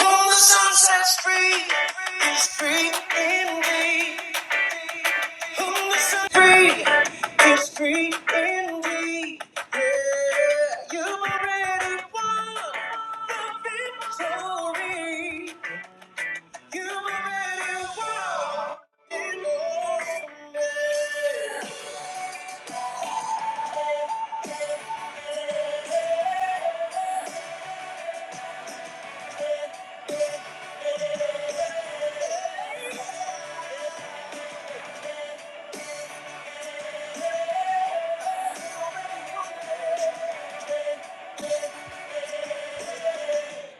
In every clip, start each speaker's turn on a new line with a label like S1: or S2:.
S1: Whom the sun sets free is free indeed. Whom the sun sets free is free indeed. Yeah, you already won the victory. You already won. it all. for me.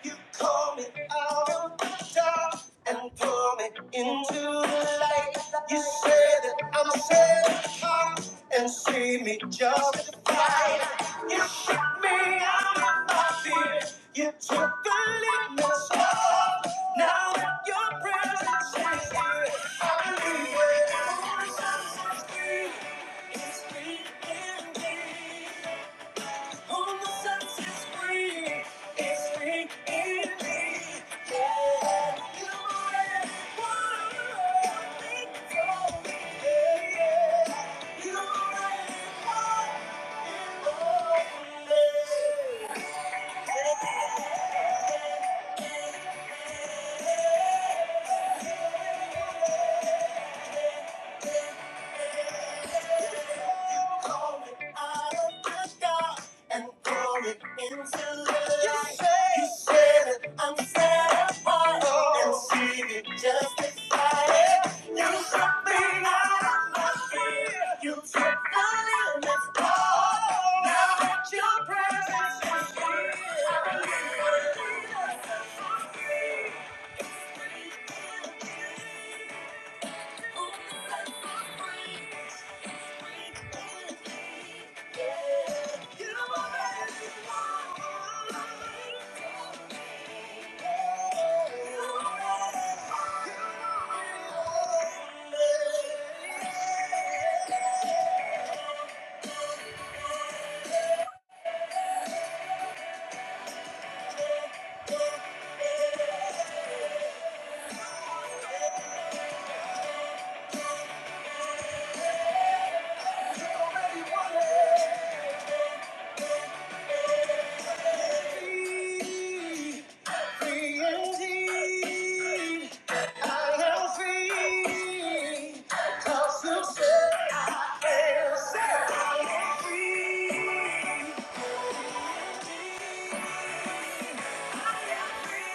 S1: You call me out of the dark and pull me into the light. You say that I'm set apart and see me justified. You shook me out of my fear. You took the lead, my soul. Now that your presence is here, I believe. Oh, it's free, it's free indeed. out of the dark and throw it into the light. You said it, I'm set apart and see it justified. You took me out of my fear. You took the limits off. Now that your presence is here, I believe I need a sense of peace. Ooh, sense of peace. I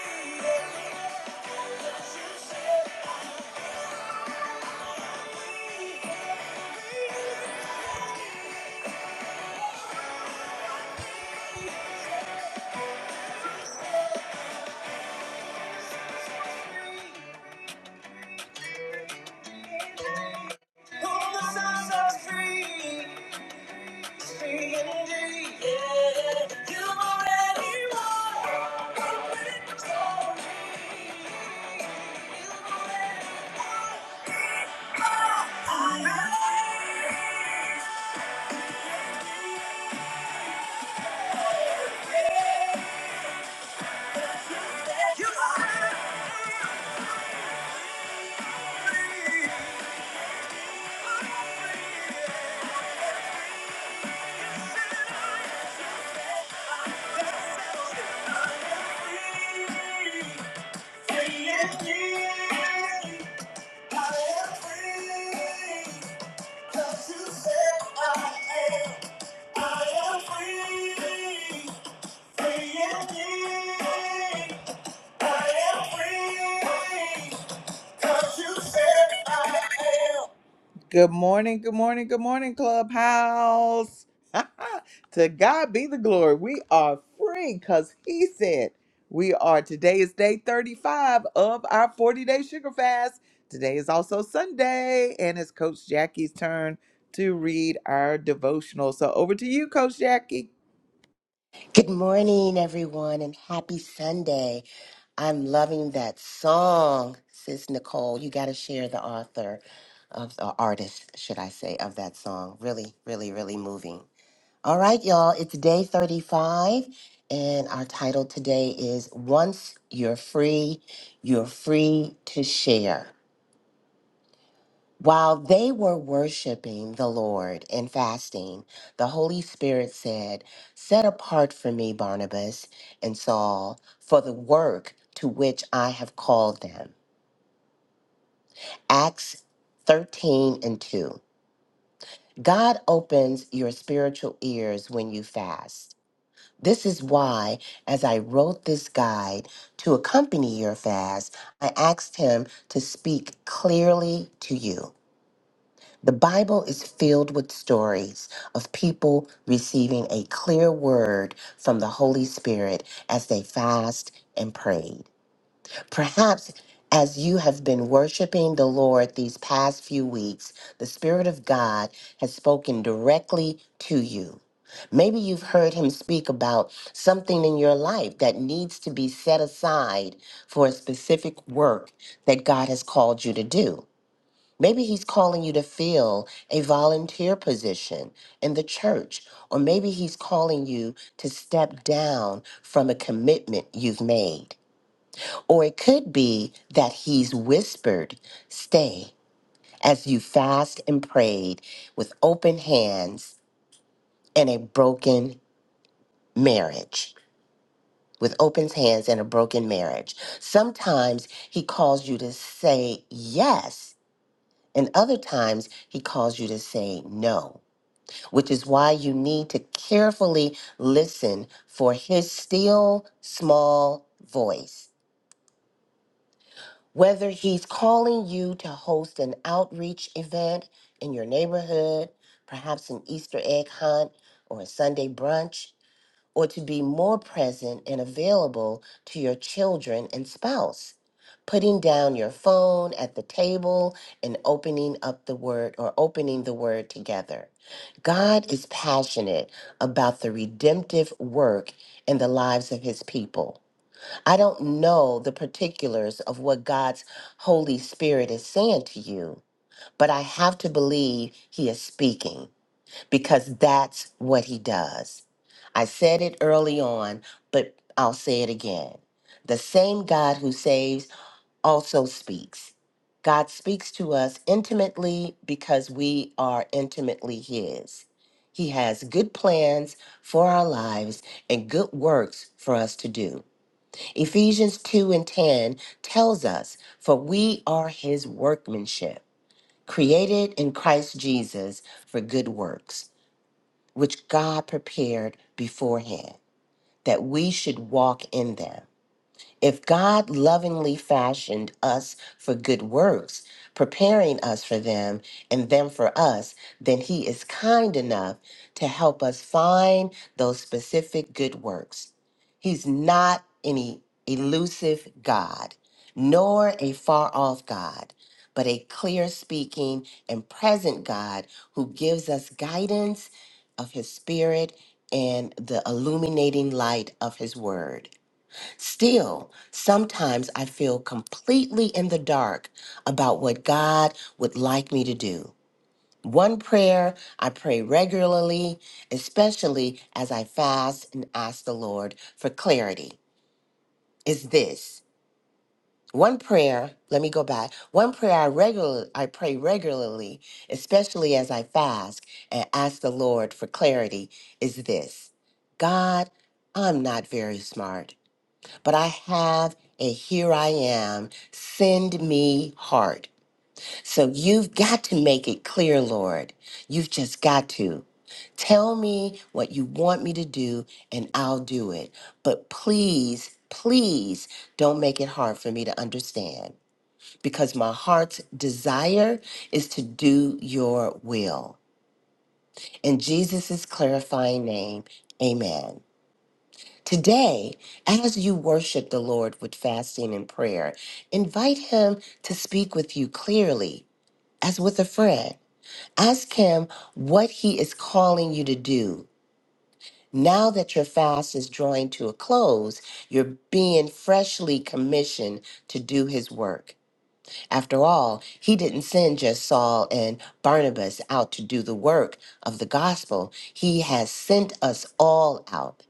S1: am free. Whom the sun sets free free you already won the victory. you already won. I you already won. i free. I am free. But you said I am. Good morning, good morning, good morning, Clubhouse. to God be the glory. We are free because He said we are. Today is day 35 of our 40 day sugar fast. Today is also Sunday, and it's Coach Jackie's turn to read our devotional. So over to you, Coach Jackie.
S2: Good morning, everyone, and happy Sunday. I'm loving that song, Sis Nicole. You got to share the author of the artist, should I say, of that song. Really, really, really moving. All right, y'all, it's day 35, and our title today is Once You're Free, You're Free to Share. While they were worshiping the Lord and fasting, the Holy Spirit said, Set apart for me Barnabas and Saul for the work to which I have called them. Acts 13 and 2. God opens your spiritual ears when you fast. This is why, as I wrote this guide to accompany your fast, I asked him to speak clearly to you. The Bible is filled with stories of people receiving a clear word from the Holy Spirit as they fast and prayed. Perhaps as you have been worshiping the Lord these past few weeks, the Spirit of God has spoken directly to you. Maybe you've heard him speak about something in your life that needs to be set aside for a specific work that God has called you to do. Maybe he's calling you to fill a volunteer position in the church, or maybe he's calling you to step down from a commitment you've made. Or it could be that he's whispered, Stay as you fast and prayed with open hands and a broken marriage. With open hands and a broken marriage. Sometimes he calls you to say yes, and other times he calls you to say no. which is why you need to carefully listen for his still small voice. Whether he's calling you to host an outreach event in your neighborhood, perhaps an Easter egg hunt or a Sunday brunch, or to be more present and available to your children and spouse. Putting down your phone at the table and opening up the word or opening the word together. God is passionate about the redemptive work in the lives of his people. I don't know the particulars of what God's Holy Spirit is saying to you, but I have to believe he is speaking because that's what he does. I said it early on, but I'll say it again. The same God who saves also speaks. God speaks to us intimately because we are intimately his. He has good plans for our lives and good works for us to do. Ephesians 2 and 10 tells us, For we are his workmanship, created in Christ Jesus for good works which God prepared beforehand that we should walk in them. If God lovingly fashioned us for good works, preparing us for them and them for us, then He is kind enough to help us find those specific good works. He's not any elusive God, nor a far off God, but a clear speaking and present God who gives us guidance of His Spirit and the illuminating light of His Word. Still, sometimes I feel completely in the dark about what God would like me to do. One prayer I pray regularly, especially as I fast and ask the Lord for clarity, is this. One prayer, let me go back. One prayer I regular I pray regularly, especially as I fast and ask the Lord for clarity, is this. God, I'm not very smart but I have a here I am. Send me heart. So you've got to make it clear, Lord. You've just got to. Tell me what you want me to do, and I'll do it. But please, please don't make it hard for me to understand because my heart's desire is to do your will. In Jesus' clarifying name, amen. Today, as you worship the Lord with fasting and prayer, invite Him to speak with you clearly, as with a friend. Ask Him what He is calling you to do. Now that your fast is drawing to a close, you're being freshly commissioned to do His work. After all, He didn't send just Saul and Barnabas out to do the work of the gospel, He has sent us all out.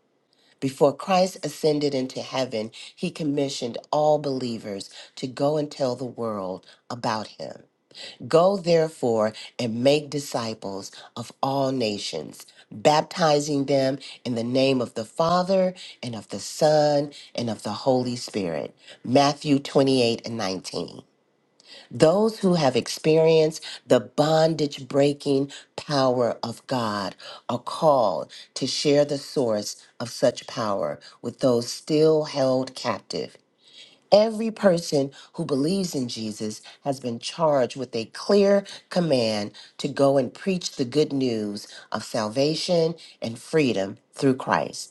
S2: Before Christ ascended into heaven, he commissioned all believers to go and tell the world about him. Go therefore and make disciples of all nations, baptizing them in the name of the Father and of the Son and of the Holy Spirit. Matthew 28 and 19. Those who have experienced the bondage breaking power of God are called to share the source of such power with those still held captive. Every person who believes in Jesus has been charged with a clear command to go and preach the good news of salvation and freedom through Christ.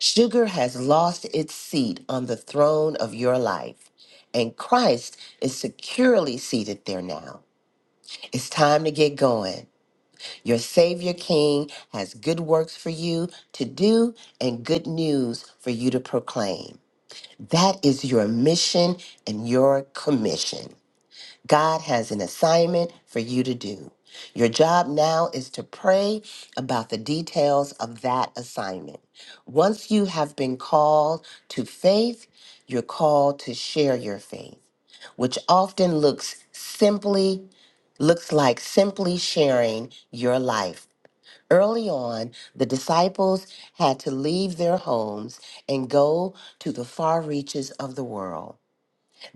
S2: Sugar has lost its seat on the throne of your life, and Christ is securely seated there now. It's time to get going. Your Savior King has good works for you to do and good news for you to proclaim. That is your mission and your commission. God has an assignment for you to do. Your job now is to pray about the details of that assignment. Once you have been called to faith, you're called to share your faith, which often looks simply looks like simply sharing your life. Early on, the disciples had to leave their homes and go to the far reaches of the world.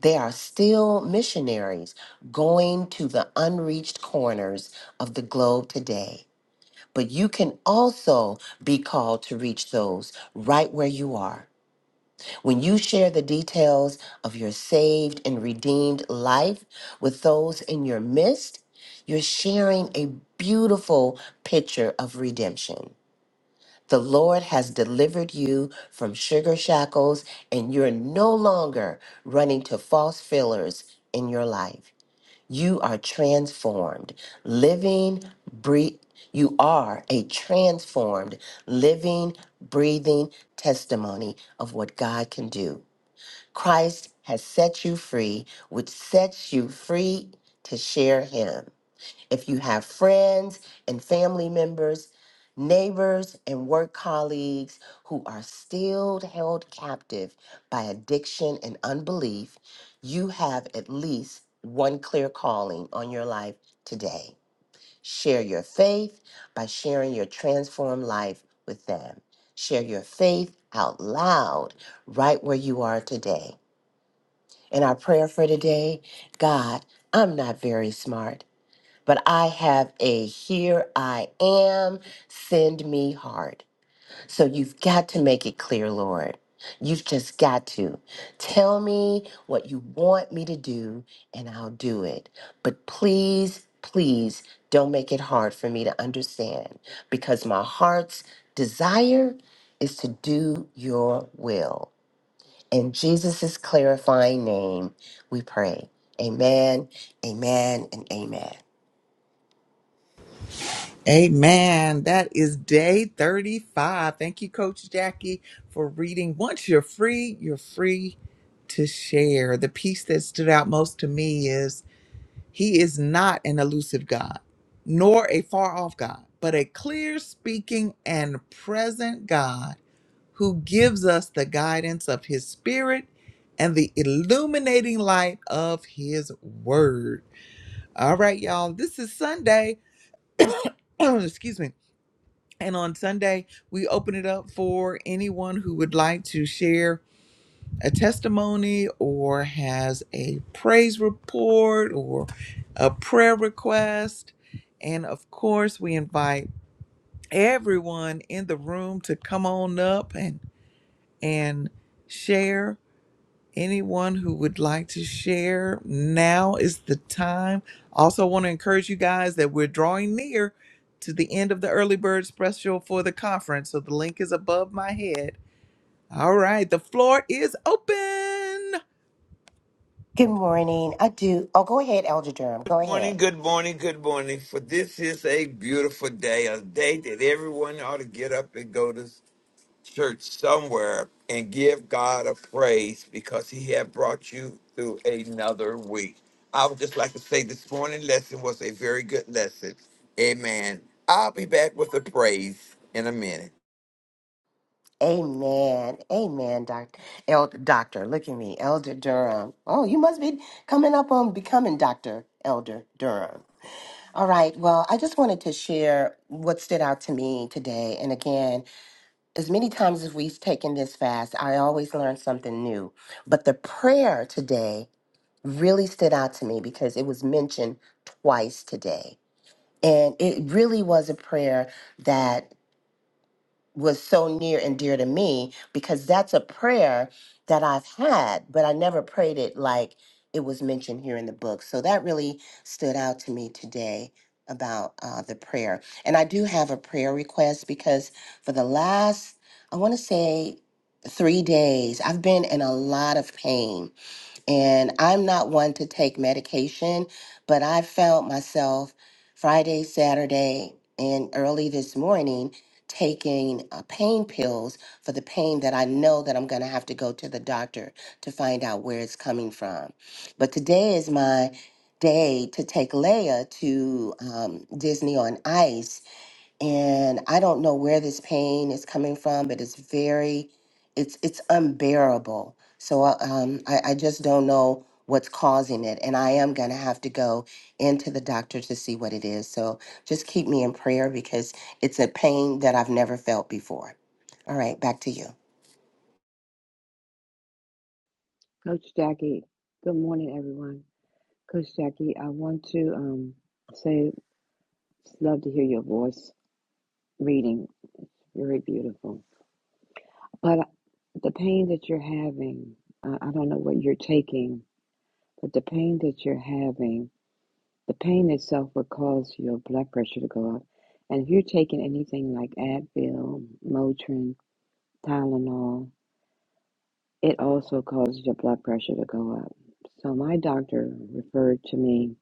S2: They are still missionaries going to the unreached corners of the globe today. But you can also be called to reach those right where you are. When you share the details of your saved and redeemed life with those in your midst, you're sharing a beautiful picture of redemption. The Lord has delivered you from sugar shackles, and you're no longer running to false fillers in your life. You are transformed, living, breathing. You are a transformed, living, breathing testimony of what God can do. Christ has set you free, which sets you free to share Him. If you have friends and family members, neighbors and work colleagues who are still held captive by addiction and unbelief, you have at least one clear calling on your life today. Share your faith by sharing your transformed life with them. Share your faith out loud right where you are today. And our prayer for today God, I'm not very smart but I have a here I am, send me heart. So you've got to make it clear, Lord. You've just got to. Tell me what you want me to do, and I'll do it. But please, please don't make it hard for me to understand because my heart's desire is to do your will. In Jesus' clarifying name, we pray. Amen, amen, and amen.
S1: Amen. That is day 35. Thank you, Coach Jackie, for reading. Once you're free, you're free to share. The piece that stood out most to me is He is not an elusive God, nor a far off God, but a clear speaking and present God who gives us the guidance of His Spirit and the illuminating light of His Word. All right, y'all. This is Sunday. Excuse me and on Sunday, we open it up for anyone who would like to share a testimony or has a praise report or a prayer request. And of course, we invite everyone in the room to come on up and and share Anyone who would like to share, now is the time. Also, want to encourage you guys that we're drawing near to the end of the early bird special for the conference. So the link is above my head. All right, the floor is open.
S2: Good morning. I do. Oh, go ahead, Elder Durham. Go ahead.
S3: morning, good morning, good morning. For this is a beautiful day, a day that everyone ought to get up and go to church somewhere and give God a praise because He had brought you through another week. I would just like to say this morning lesson was a very good lesson. Amen. I'll be back with a praise in a minute.
S2: Amen. Amen, doctor. Elder, doctor, look at me, Elder Durham. Oh, you must be coming up on becoming Doctor Elder Durham. All right. Well, I just wanted to share what stood out to me today. And again, as many times as we've taken this fast, I always learn something new. But the prayer today really stood out to me because it was mentioned twice today. And it really was a prayer that was so near and dear to me because that's a prayer that I've had, but I never prayed it like it was mentioned here in the book. So that really stood out to me today about uh, the prayer. And I do have a prayer request because for the last, I want to say, three days, I've been in a lot of pain and I'm not one to take medication, but I found myself Friday, Saturday, and early this morning taking uh, pain pills for the pain that I know that I'm going to have to go to the doctor to find out where it's coming from. But today is my day to take Leia to um, Disney on Ice and I don't know where this pain is coming from, but it's very, it's it's unbearable. So uh, um, I, I just don't know what's causing it, and I am gonna have to go into the doctor to see what it is. So just keep me in prayer because it's a pain that I've never felt before. All right, back to you.
S4: Coach Jackie, good morning, everyone. Coach Jackie, I want to um, say, love to hear your voice reading. Very beautiful. But the pain that you're having, uh, I don't know what you're taking, but the pain that you're having, the pain itself will cause your blood pressure to go up. And if you're taking anything like Advil, Motrin, Tylenol, it also causes your blood pressure to go up. So my doctor referred to me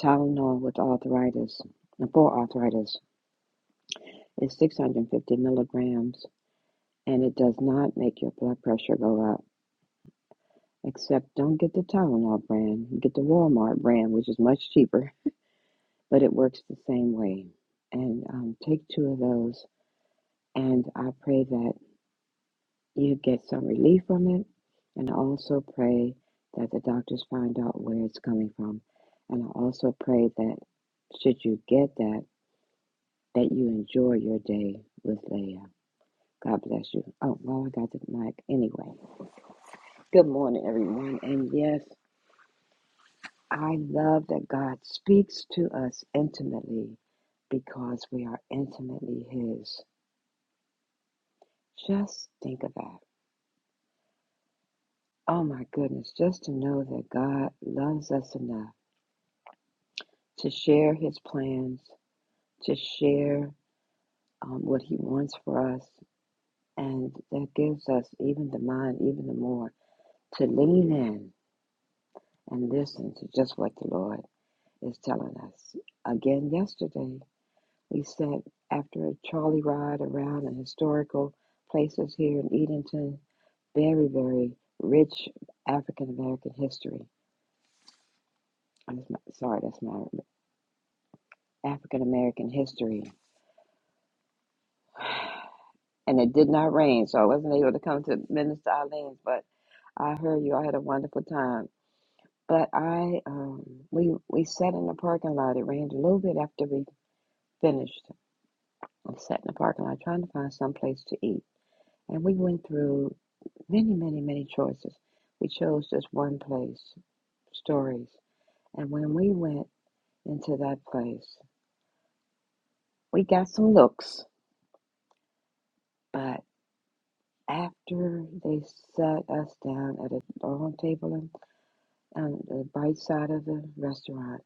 S4: Tylenol with arthritis, uh, for arthritis, is 650 milligrams, and it does not make your blood pressure go up. Except don't get the Tylenol brand, get the Walmart brand, which is much cheaper, but it works the same way. And um, take two of those, and I pray that you get some relief from it, and I also pray that the doctors find out where it's coming from. And I also pray that should you get that, that you enjoy your day with Leah. God bless you. Oh, well, I got the mic anyway. Good morning, everyone. And yes, I love that God speaks to us intimately because we are intimately His. Just think of that. Oh, my goodness. Just to know that God loves us enough to share His plans, to share um, what He wants for us. And that gives us even the mind, even the more, to lean in and listen to just what the Lord is telling us. Again, yesterday, we sat after a trolley ride around the historical places here in Edenton. Very, very rich African American history. I'm sorry, that's my African American history. And it did not rain, so I wasn't able to come to Minister Eileen's, but I heard you all had a wonderful time. But I, um, we, we sat in the parking lot. It rained a little bit after we finished I sat in the parking lot trying to find some place to eat. And we went through many, many, many choices. We chose just one place, Stories. And when we went into that place, we got some looks. But after they sat us down at a long table in- on the right side of the restaurant,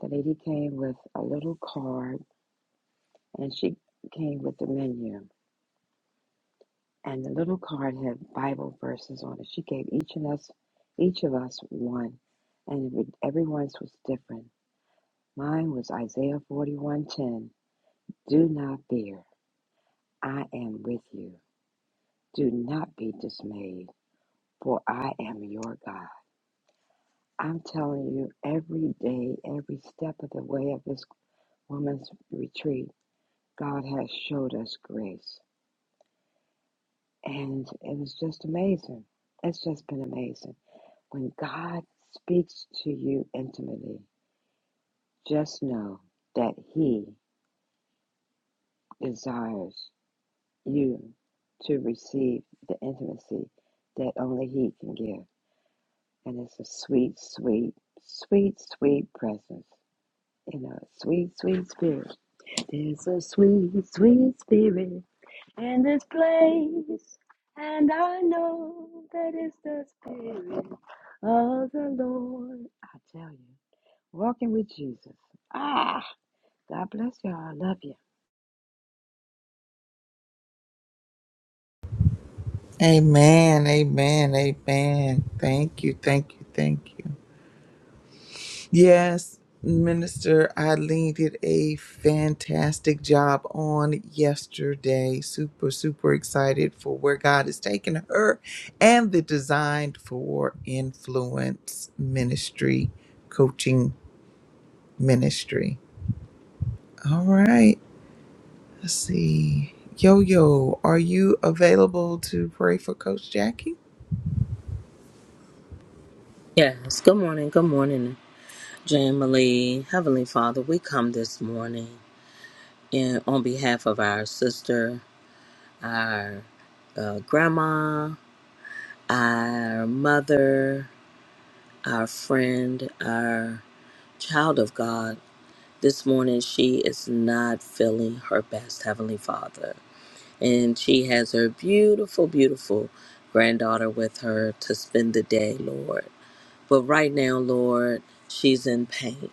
S4: the lady came with a little card and she came with the menu. and the little card had Bible verses on it. She gave each of us, each of us one, and it- everyone's was different. Mine was Isaiah forty-one ten. Do not fear, I am with you. Do not be dismayed, for I am your God. I'm telling you, every day, every step of the way of this woman's retreat, God has showed us grace, and it was just amazing. It's just been amazing. When God speaks to you intimately, just know that He desires you to receive the intimacy that only He can give. And it's a sweet, sweet, sweet, sweet presence. You know, sweet, sweet spirit. There's a sweet, sweet spirit in this place. And I know that it's the spirit of the Lord. I tell you. Walking with Jesus. Ah, God bless y'all. I love
S1: Amen, amen, amen. Thank you, thank you, thank you. Yes, Minister Eileen did a fantastic job on yesterday. Super, super excited for where God has taken her and the Designed for Influence ministry, coaching ministry. All right, let's see. Yo, yo, are you available to pray for Coach Jackie?
S5: Yes, good morning, good morning, Jamily. Heavenly Father, we come this morning in on behalf of our sister, our uh, grandma, our mother, our friend, our child of God. This morning, she is not feeling her best, Heavenly Father. And she has her beautiful, beautiful granddaughter with her to spend the day, Lord. But right now, Lord, she's in pain.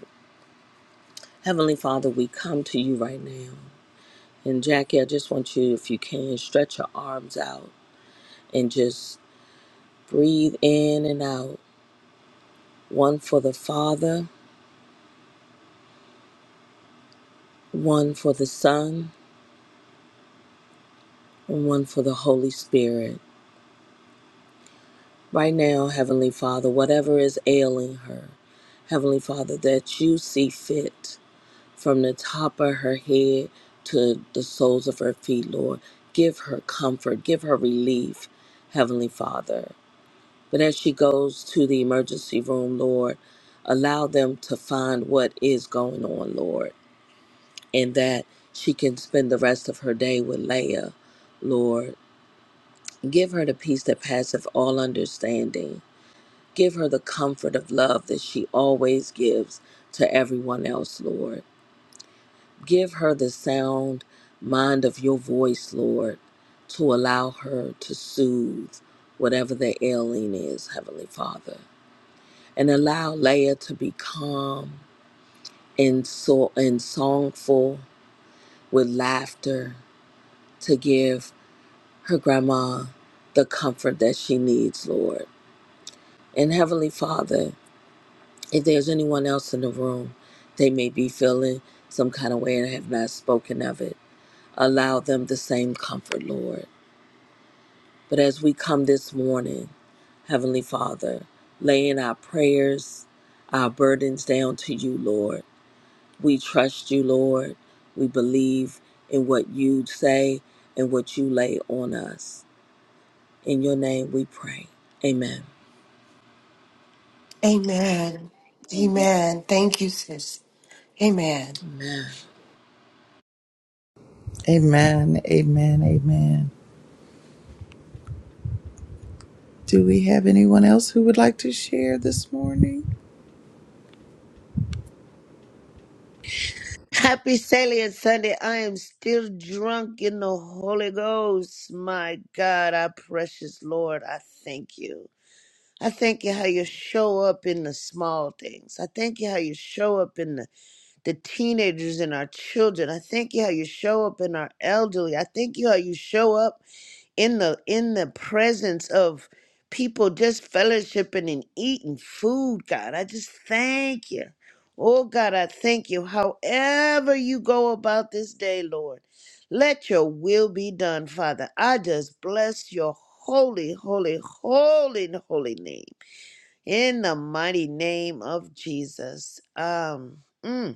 S5: Heavenly Father, we come to you right now. And Jackie, I just want you, if you can, stretch your arms out and just breathe in and out. One for the Father, one for the Son, and one for the Holy Spirit. Right now, Heavenly Father, whatever is ailing her, Heavenly Father, that you see fit from the top of her head to the soles of her feet, Lord. Give her comfort, give her relief, Heavenly Father. But as she goes to the emergency room, Lord, allow them to find what is going on, Lord, and that she can spend the rest of her day with Leah, Lord. Give her the peace that passeth all understanding. Give her the comfort of love that she always gives to everyone else, Lord. Give her the sound mind of your voice, Lord, to allow her to soothe whatever the ailing is, Heavenly Father. and allow Leah to be calm and so and songful with laughter to give her grandma the comfort that she needs, Lord. And Heavenly Father, if there's anyone else in the room, they may be feeling some kind of way and have not spoken of it. Allow them the same comfort, Lord. But as we come this morning, Heavenly Father, laying our prayers, our burdens down to you, Lord. We trust you, Lord. We believe in what you say and what you lay on us. In your name we pray. Amen.
S2: Amen.
S4: you.
S2: Amen. Thank you, sis. Amen.
S5: Amen.
S1: Amen, amen, amen. Do we have anyone else who would like to share this morning?
S6: Happy Salient Sunday. I am still drunk in the Holy Ghost. My God, our precious Lord, I thank you. I thank you how you show up in the small things. I thank you how you show up in the the teenagers and our children. I thank you how you show up in our elderly. I thank you how you show up in the in the presence of people just fellowshipping and eating food, God. I just thank you. Oh God, I thank you. However you go about this day, Lord, let your will be done, Father. I just bless your holy, holy, holy, holy name. In the mighty name of Jesus. Um mm.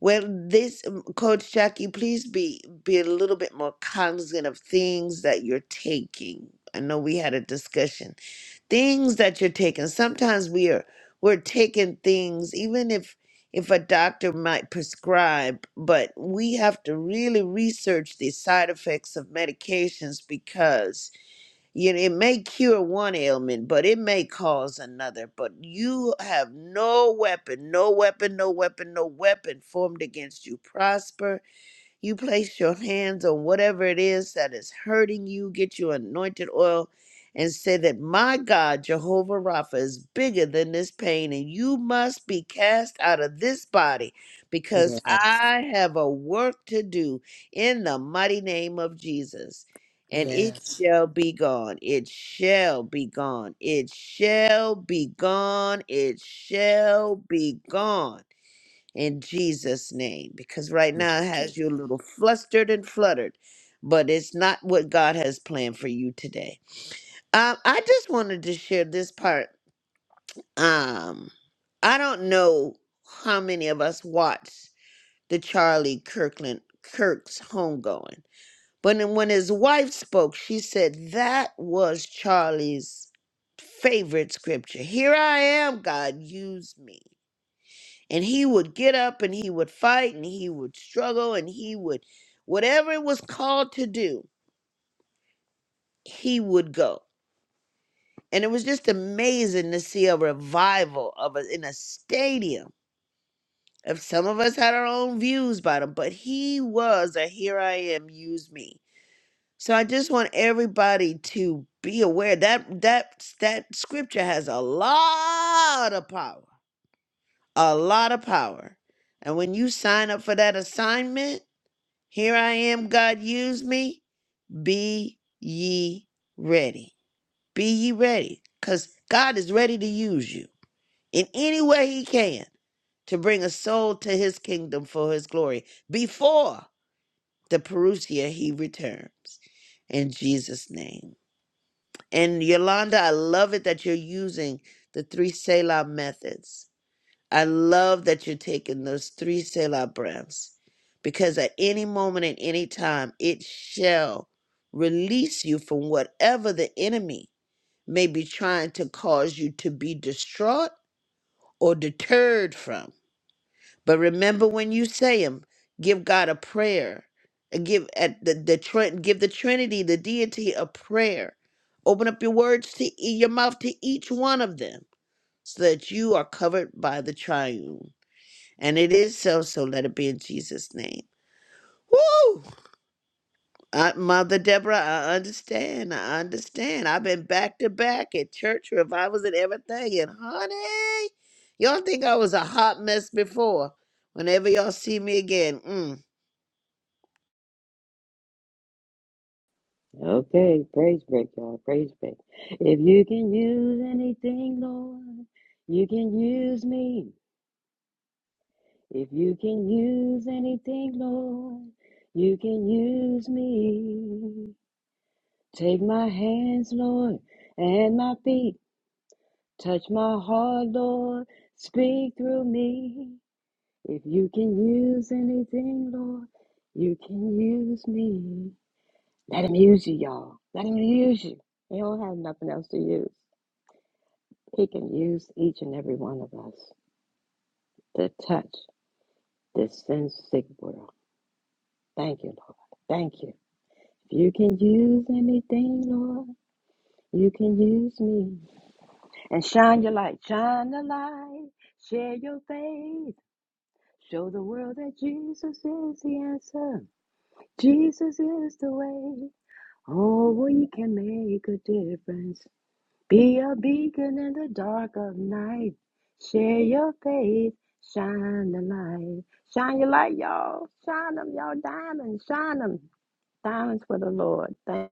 S6: Well, this um, Coach Jackie, please be be a little bit more cognizant of things that you're taking. I know we had a discussion. Things that you're taking. Sometimes we are we're taking things, even if if a doctor might prescribe, but we have to really research the side effects of medications because you know, it may cure one ailment, but it may cause another. But you have no weapon, no weapon, no weapon, no weapon formed against you prosper you place your hands on whatever it is that is hurting you, get your anointed oil, and say that my God, Jehovah Rapha, is bigger than this pain, and you must be cast out of this body because
S5: Yes.
S6: I have a work to do in the mighty name of Jesus. And it
S5: Yes.
S6: shall be gone. It shall be gone. It shall be gone. It shall be gone in Jesus' name, because right now it has you a little flustered and fluttered, but it's not what God has planned for you today. Um, I just wanted to share this part. Um, I don't know how many of us watched the Charlie Kirkland Kirk's homegoing, but then when his wife spoke, she said that was Charlie's favorite scripture. Here I am, God, use me and he would get up and he would fight and he would struggle and he would whatever it was called to do he would go and it was just amazing to see a revival of a, in a stadium if some of us had our own views about him but he was a here i am use me so i just want everybody to be aware that that that scripture has a lot of power a lot of power and when you sign up for that assignment Here I am, God, use me. Be ye ready. Be ye ready, because God is ready to use you in any way He can to bring a soul to His kingdom for His glory before the Perusia He returns. In Jesus' name. And Yolanda, I love it that you're using the three Selah methods I love that you're taking those three Selah breaths because at any moment at any time, it shall release you from whatever the enemy may be trying to cause you to be distraught or deterred from. But remember when you say them, give God a prayer. and Give at the, the Trin- give the Trinity, the deity, a prayer. Open up your words to e- your mouth to each one of them, so that you are covered by the triune. And it is so, so let it be in Jesus' name. Woo! Uh, Mother Deborah, I understand. I understand. I've been back to back at church revivals and everything. And honey, y'all think I was a hot mess before. Whenever y'all see me again, mm.
S4: Okay, praise break, y'all. Praise break. If you can use anything, Lord, you can use me. If you can use anything, Lord, you can use me. Take my hands, Lord, and my feet. Touch my heart, Lord. Speak through me. If you can use anything, Lord, you can use me. Let him use you, y'all. Let him use you. He don't have nothing else to use. He can use each and every one of us to touch this sin sick world. Thank you, Lord. Thank you. If you can use anything, Lord, you can use me. And shine your light. Shine the light. Share your faith. Show the world that Jesus is the answer. Jesus is the way. Oh, we can make a difference. Be a beacon in the dark of night. Share your faith. Shine the light. Shine your light, y'all. Shine them, y'all. Diamonds. Shine them. Diamonds for the Lord. Thank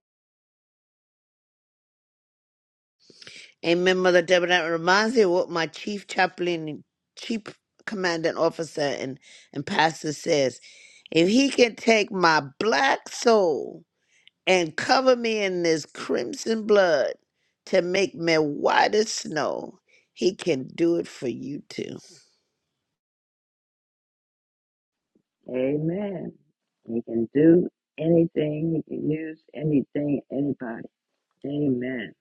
S6: Amen, Mother Deborah. That reminds me of what my chief chaplain, and chief commandant officer, and, and pastor says. If he can take my black soul and cover me in this crimson blood to make me white as snow. He can do it for you too.
S4: Amen. He can do anything. He can use anything, anybody. Amen.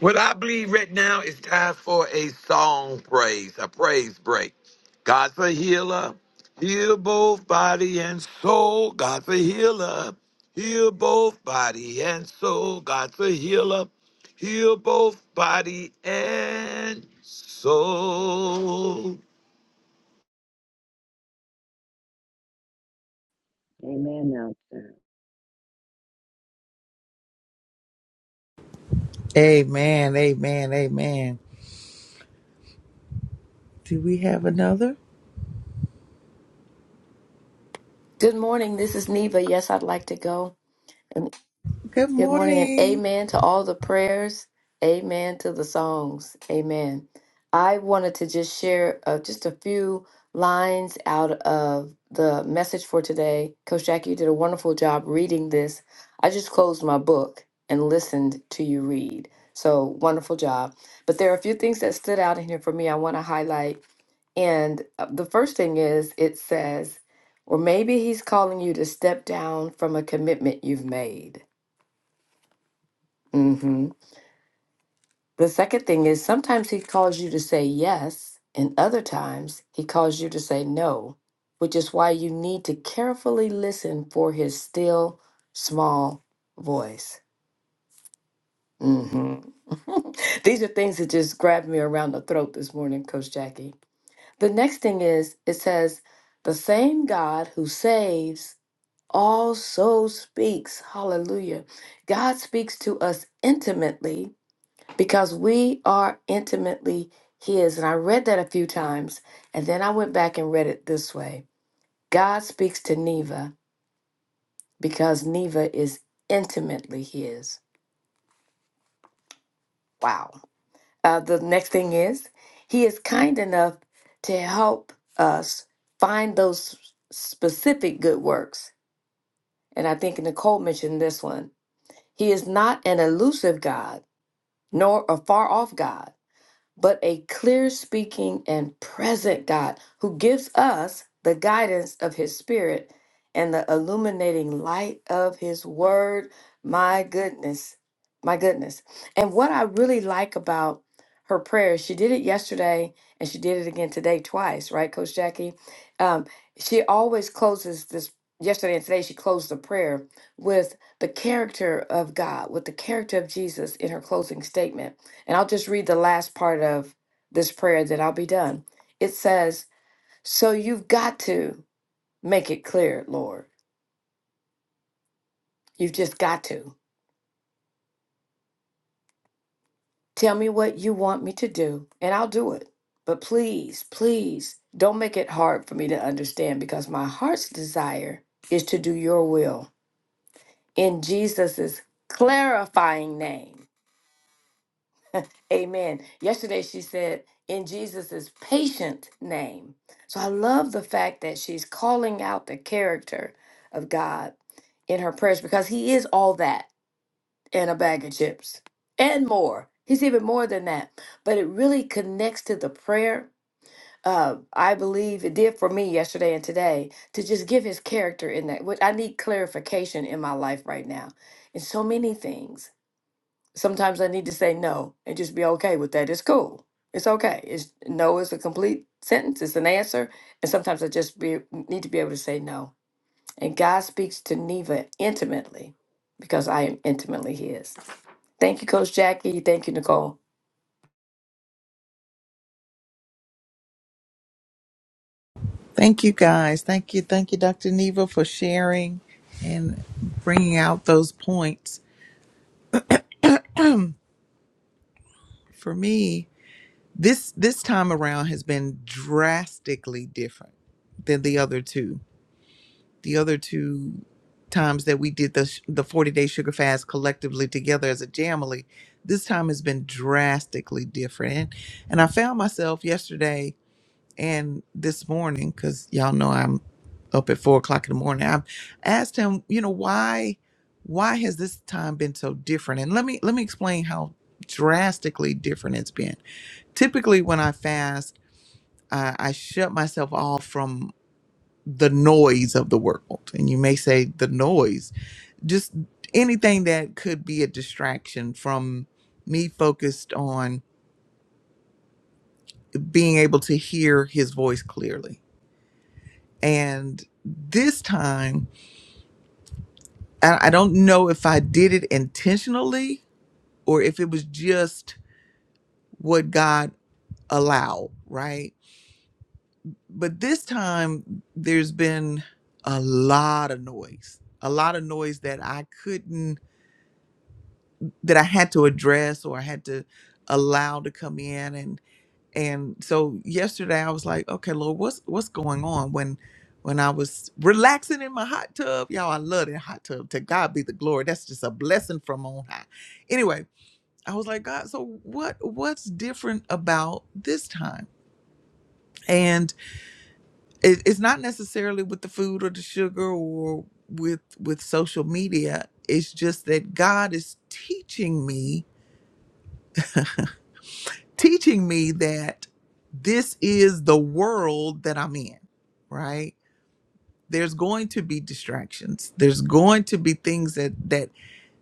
S3: What I believe right now is time for a song praise, a praise break. God's a healer, heal both body and soul. God's a healer, heal both body and soul. God's a healer, heal both body and soul.
S4: Amen, Nelson.
S1: Amen. Amen. Amen. Do we have another?
S7: Good morning. This is Neva. Yes, I'd like to go.
S1: Good
S7: Good morning and
S1: morning.
S7: amen to all the prayers. Amen to the songs. Amen. I wanted to just share uh, just a few lines out of the message for today. Coach Jackie, you did a wonderful job reading this. I just closed my book and listened to you read. So wonderful job. But there are a few things that stood out in here for me I want to highlight. And uh, the first thing is it says, or maybe he's calling you to step down from a commitment you've made hmm The second thing is sometimes he calls you to say yes, and other times he calls you to say no, which is why you need to carefully listen for his still small voice. hmm These are things that just grabbed me around the throat this morning, Coach Jackie. The next thing is it says, the same God who saves also speaks. Hallelujah. God speaks to us intimately because we are intimately His. And I read that a few times, and then I went back and read it this way God speaks to Neva because Neva is intimately His. Wow. Uh, the next thing is, He is kind enough to help us find those specific good works. And I think Nicole mentioned this one. He is not an elusive God, nor a far off God. but a clear speaking and present God who gives us the guidance of his spirit and the illuminating light of his word. My goodness, my goodness. And what I really like about her prayer, she did it yesterday and she did it again today twice, right, Coach Jackie? Um, she always closes this. Yesterday and today, she closed the prayer with the character of God, with the character of Jesus in her closing statement. And I'll just read the last part of this prayer that I'll be done. It says, So you've got to make it clear, Lord. You've just got to. Tell me what you want me to do, and I'll do it. But please, please don't make it hard for me to understand because my heart's desire is to do your will in Jesus' clarifying name. Amen. Yesterday she said, in Jesus' patient name. So I love the fact that she's calling out the character of God in her prayers because he is all that and a bag of chips and more. He's even more than that. But it really connects to the prayer. Uh, I believe it did for me yesterday and today to just give his character in that. What I need clarification in my life right now in so many things sometimes I need to say no and just be okay with that. It's cool. It's okay. It's no is a complete sentence. It's an answer. And sometimes I just be, need to be able to say no. And God speaks to Neva intimately because I am intimately His. Thank you, Coach Jackie. Thank you, Nicole.
S1: Thank you guys. Thank you. Thank you, Dr. Neva, for sharing and bringing out those points. For me, this this time around has been drastically different than the other two. The other two times that we did the sh- the 40-day sugar fast collectively together as a family, this time has been drastically different. And I found myself yesterday and this morning because y'all know i'm up at four o'clock in the morning i asked him you know why why has this time been so different and let me let me explain how drastically different it's been typically when i fast uh, i I shut myself off from the noise of the world and you may say the noise just anything that could be a distraction from me focused on being able to hear his voice clearly and this time And I don't know if I did it intentionally or if it was just what God allowed, right? But this time there's been a lot of noise, a lot of noise that I couldn't, that I had to address or I had to allow to come in and and so yesterday I was like, okay, Lord, what's what's going on when when I was relaxing in my hot tub, y'all, I love that hot tub. To God be the glory. That's just a blessing from on high. Anyway, I was like, God, so what what's different about this time? And it, it's not necessarily with the food or the sugar or with with social media. It's just that God is teaching me, teaching me that this is the world that I'm in, right? there's going to be distractions there's going to be things that that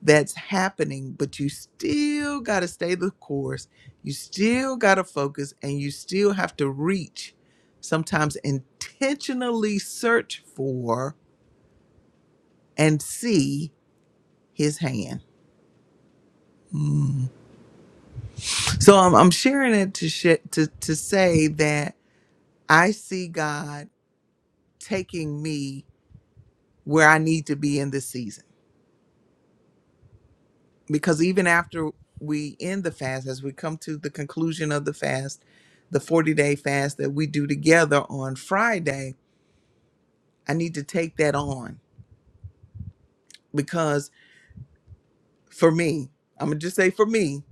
S1: that's happening but you still got to stay the course you still got to focus and you still have to reach sometimes intentionally search for and see his hand Mm. so I'm, I'm sharing it to, sh- to to say that i see god taking me where i need to be in this season because even after we end the fast, as we come to the conclusion of the fast, the 40 day fast that we do together on Friday, I need to take that on because for me, I'm going to just say for me,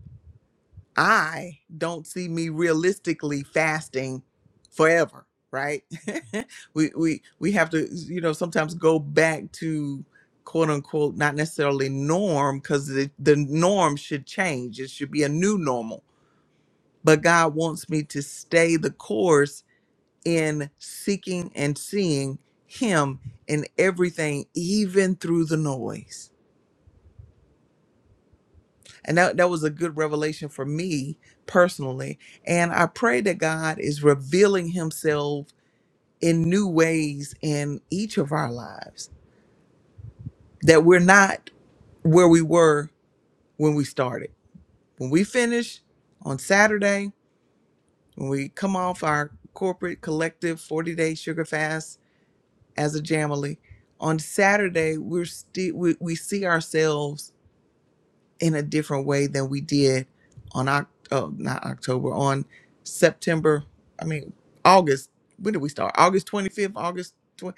S1: I don't see me realistically fasting forever, right? we, we, we have to, you know, sometimes go back to quote unquote, not necessarily norm because the, the norm should change. It should be a new normal but God wants me to stay the course in seeking and seeing Him in everything, even through the noise. And that, that was a good revelation for me personally. And I pray that God is revealing Himself in new ways in each of our lives, that we're not where we were when we started. When we finish on Saturday, when we come off our corporate collective 40 day sugar fast as a Jamily. On Saturday, we're still we, we see ourselves in a different way than we did on Oc- oh, not October on September. I mean August. When did we start? August twenty fifth, August twenty.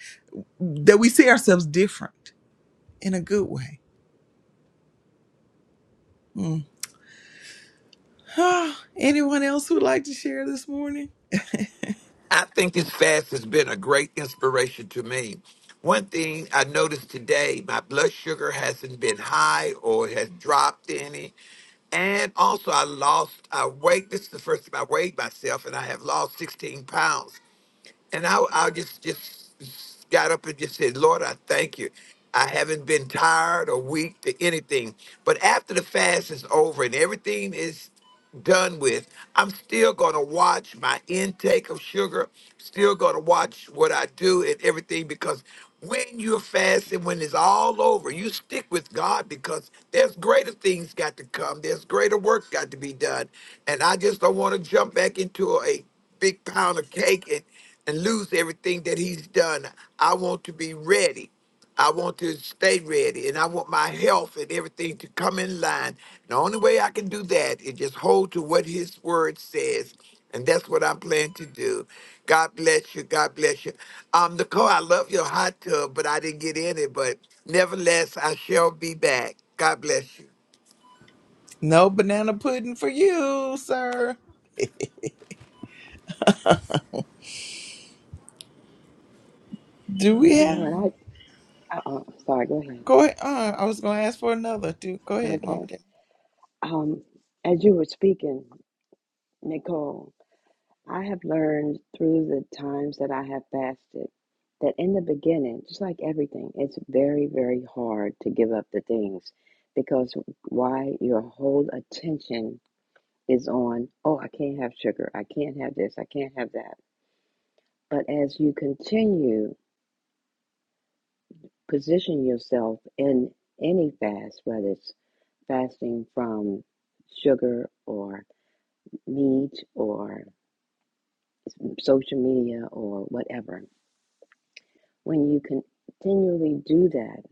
S1: That we see ourselves different in a good way. Mm. Anyone else who'd like to share this morning?
S3: I think this fast has been a great inspiration to me. One thing I noticed today, my blood sugar hasn't been high or has dropped any. And also, I lost, I weighed, this is the first time I weighed myself, and I have lost 16 pounds and I, I just just got up and just said, Lord, I thank you. I haven't been tired or weak to anything. But after the fast is over and everything is done with, I'm still going to watch my intake of sugar, still going to watch what I do and everything because when you're fasting, when it's all over, you stick with God because there's greater things got to come. There's greater work got to be done. And I just don't want to jump back into a big pound of cake and and lose everything that he's done. I want to be ready. I want to stay ready and I want my health and everything to come in line. The only way I can do that is just hold to what his word says. And that's what I'm planning to do. God bless you. God bless you. Um, Nicole, I love your hot tub, but I didn't get in it. But nevertheless, I shall be back. God bless you.
S1: No banana pudding for you, sir. Do we
S4: you know,
S1: have?
S4: and I, uh, uh, sorry, go ahead.
S1: Go ahead. Uh, I was going to ask for another. Do go ahead, Mama.
S4: Okay. Um, as you were speaking, Nicole, I have learned through the times that I have fasted that in the beginning, just like everything, it's very, very hard to give up the things because why your whole attention is on, oh, I can't have sugar, I can't have this, I can't have that. But as you continue position yourself in any fast, whether it's fasting from sugar or meat or social media or whatever, When you continually do that,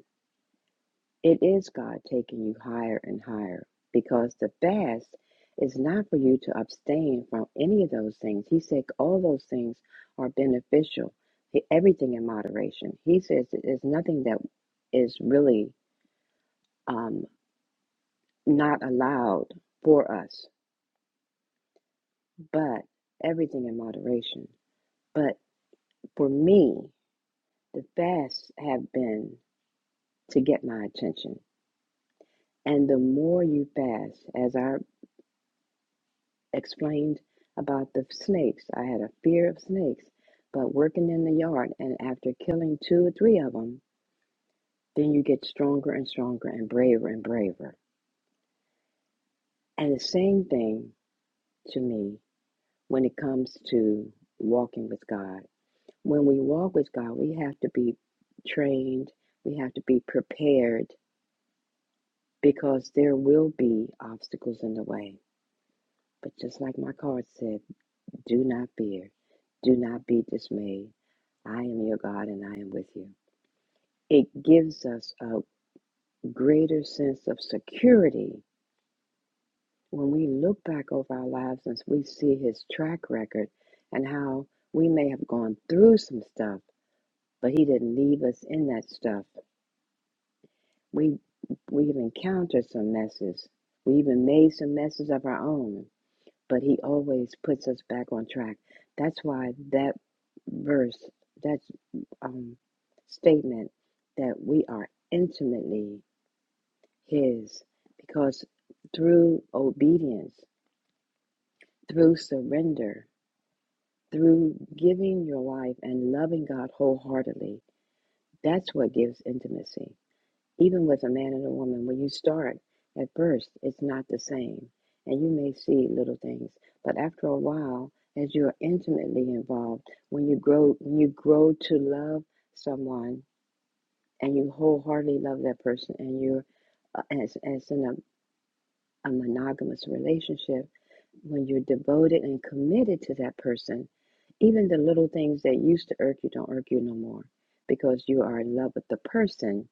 S4: it is God taking you higher and higher because the fast is not for you to abstain from any of those things. He said all those things are beneficial, e- everything in moderation. He says that there's nothing that is really um, not allowed for us, but everything in moderation. But for me, the fasts have been to get my attention. And the more you fast, as our explained about the snakes. I had a fear of snakes, but working in the yard and after killing two or three of them, then you get stronger and stronger and braver and braver. And the same thing to me when it comes to walking with God. When we walk with God, we have to be trained, we have to be prepared because there will be obstacles in the way. But just like my card said, Do not fear. Do not be dismayed. I am your God and I am with you. It gives us a greater sense of security when we look back over our lives and we see his track record and how we may have gone through some stuff, but he didn't leave us in that stuff. We we've encountered some messes. We even made some messes of our own. but he always puts us back on track. That's why that verse, that um, statement that we are intimately his, because through obedience, through surrender, through giving your life and loving God wholeheartedly, that's what gives intimacy. Even with a man and a woman, when you start at first, it's not the same. And you may see little things, but after a while, as you're intimately involved, when you grow, when you grow to love someone and you wholeheartedly love that person, and you're uh, as as in a, a monogamous relationship, when you're devoted and committed to that person, even the little things that used to irk you don't irk you no more because you are in love with the person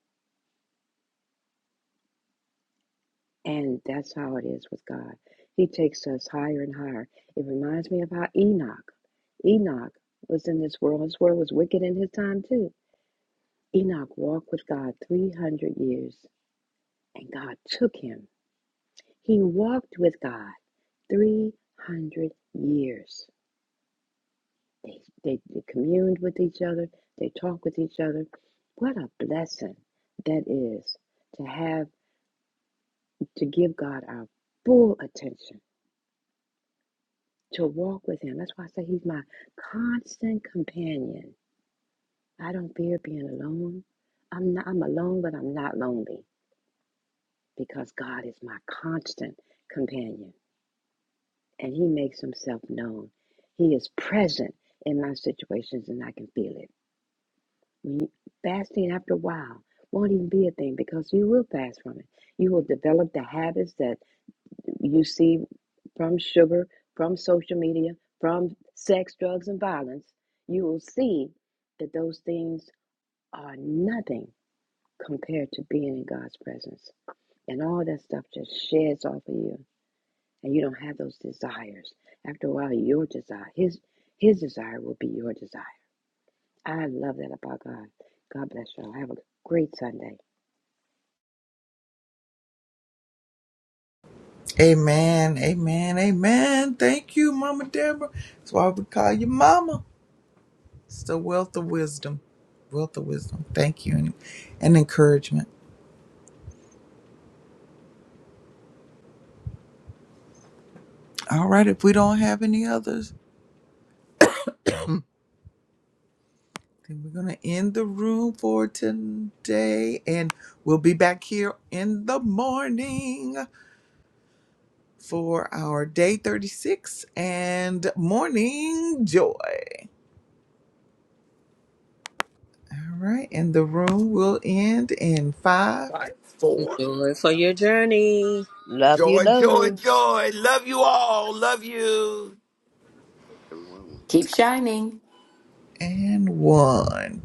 S4: And that's how it is with God. He takes us higher and higher. It reminds me of how Enoch, Enoch was in this world. His world was wicked in his time too. Enoch walked with God 300 years and God took him. He walked with God 300 years. They, they, they communed with each other. They talked with each other. What a blessing that is to have, to give God our full attention to walk with him. That's why I say he's my constant companion. I don't fear being alone. I'm not I'm alone, but I'm not lonely because God is my constant companion and he makes himself known. He is present in my situations and I can feel it. When you, fasting after a while won't even be a thing because you will fast from it. You will develop the habits that you see from sugar, from social media, from sex, drugs, and violence, you will see that those things are nothing compared to being in God's presence. And all that stuff just sheds off of you, and you don't have those desires. After a while, your desire, his his desire will be your desire. I love that about God. God bless y'all. Have a great Sunday.
S1: Amen, amen, amen. Thank you, Mama Deborah. That's why we call you Mama. It's the wealth of wisdom, wealth of wisdom. Thank you and, and encouragement. All right, if we don't have any others, then we're going to end the room for today. And we'll be back here in the morning for our day 36 and morning joy. All right, and the room will end in five
S3: Five, four.
S5: Joy for your journey.
S4: Love you,
S3: Joy, joy,
S4: love.
S3: joy. Love you all. Love you.
S8: everyone
S7: Keep shining.
S1: and one.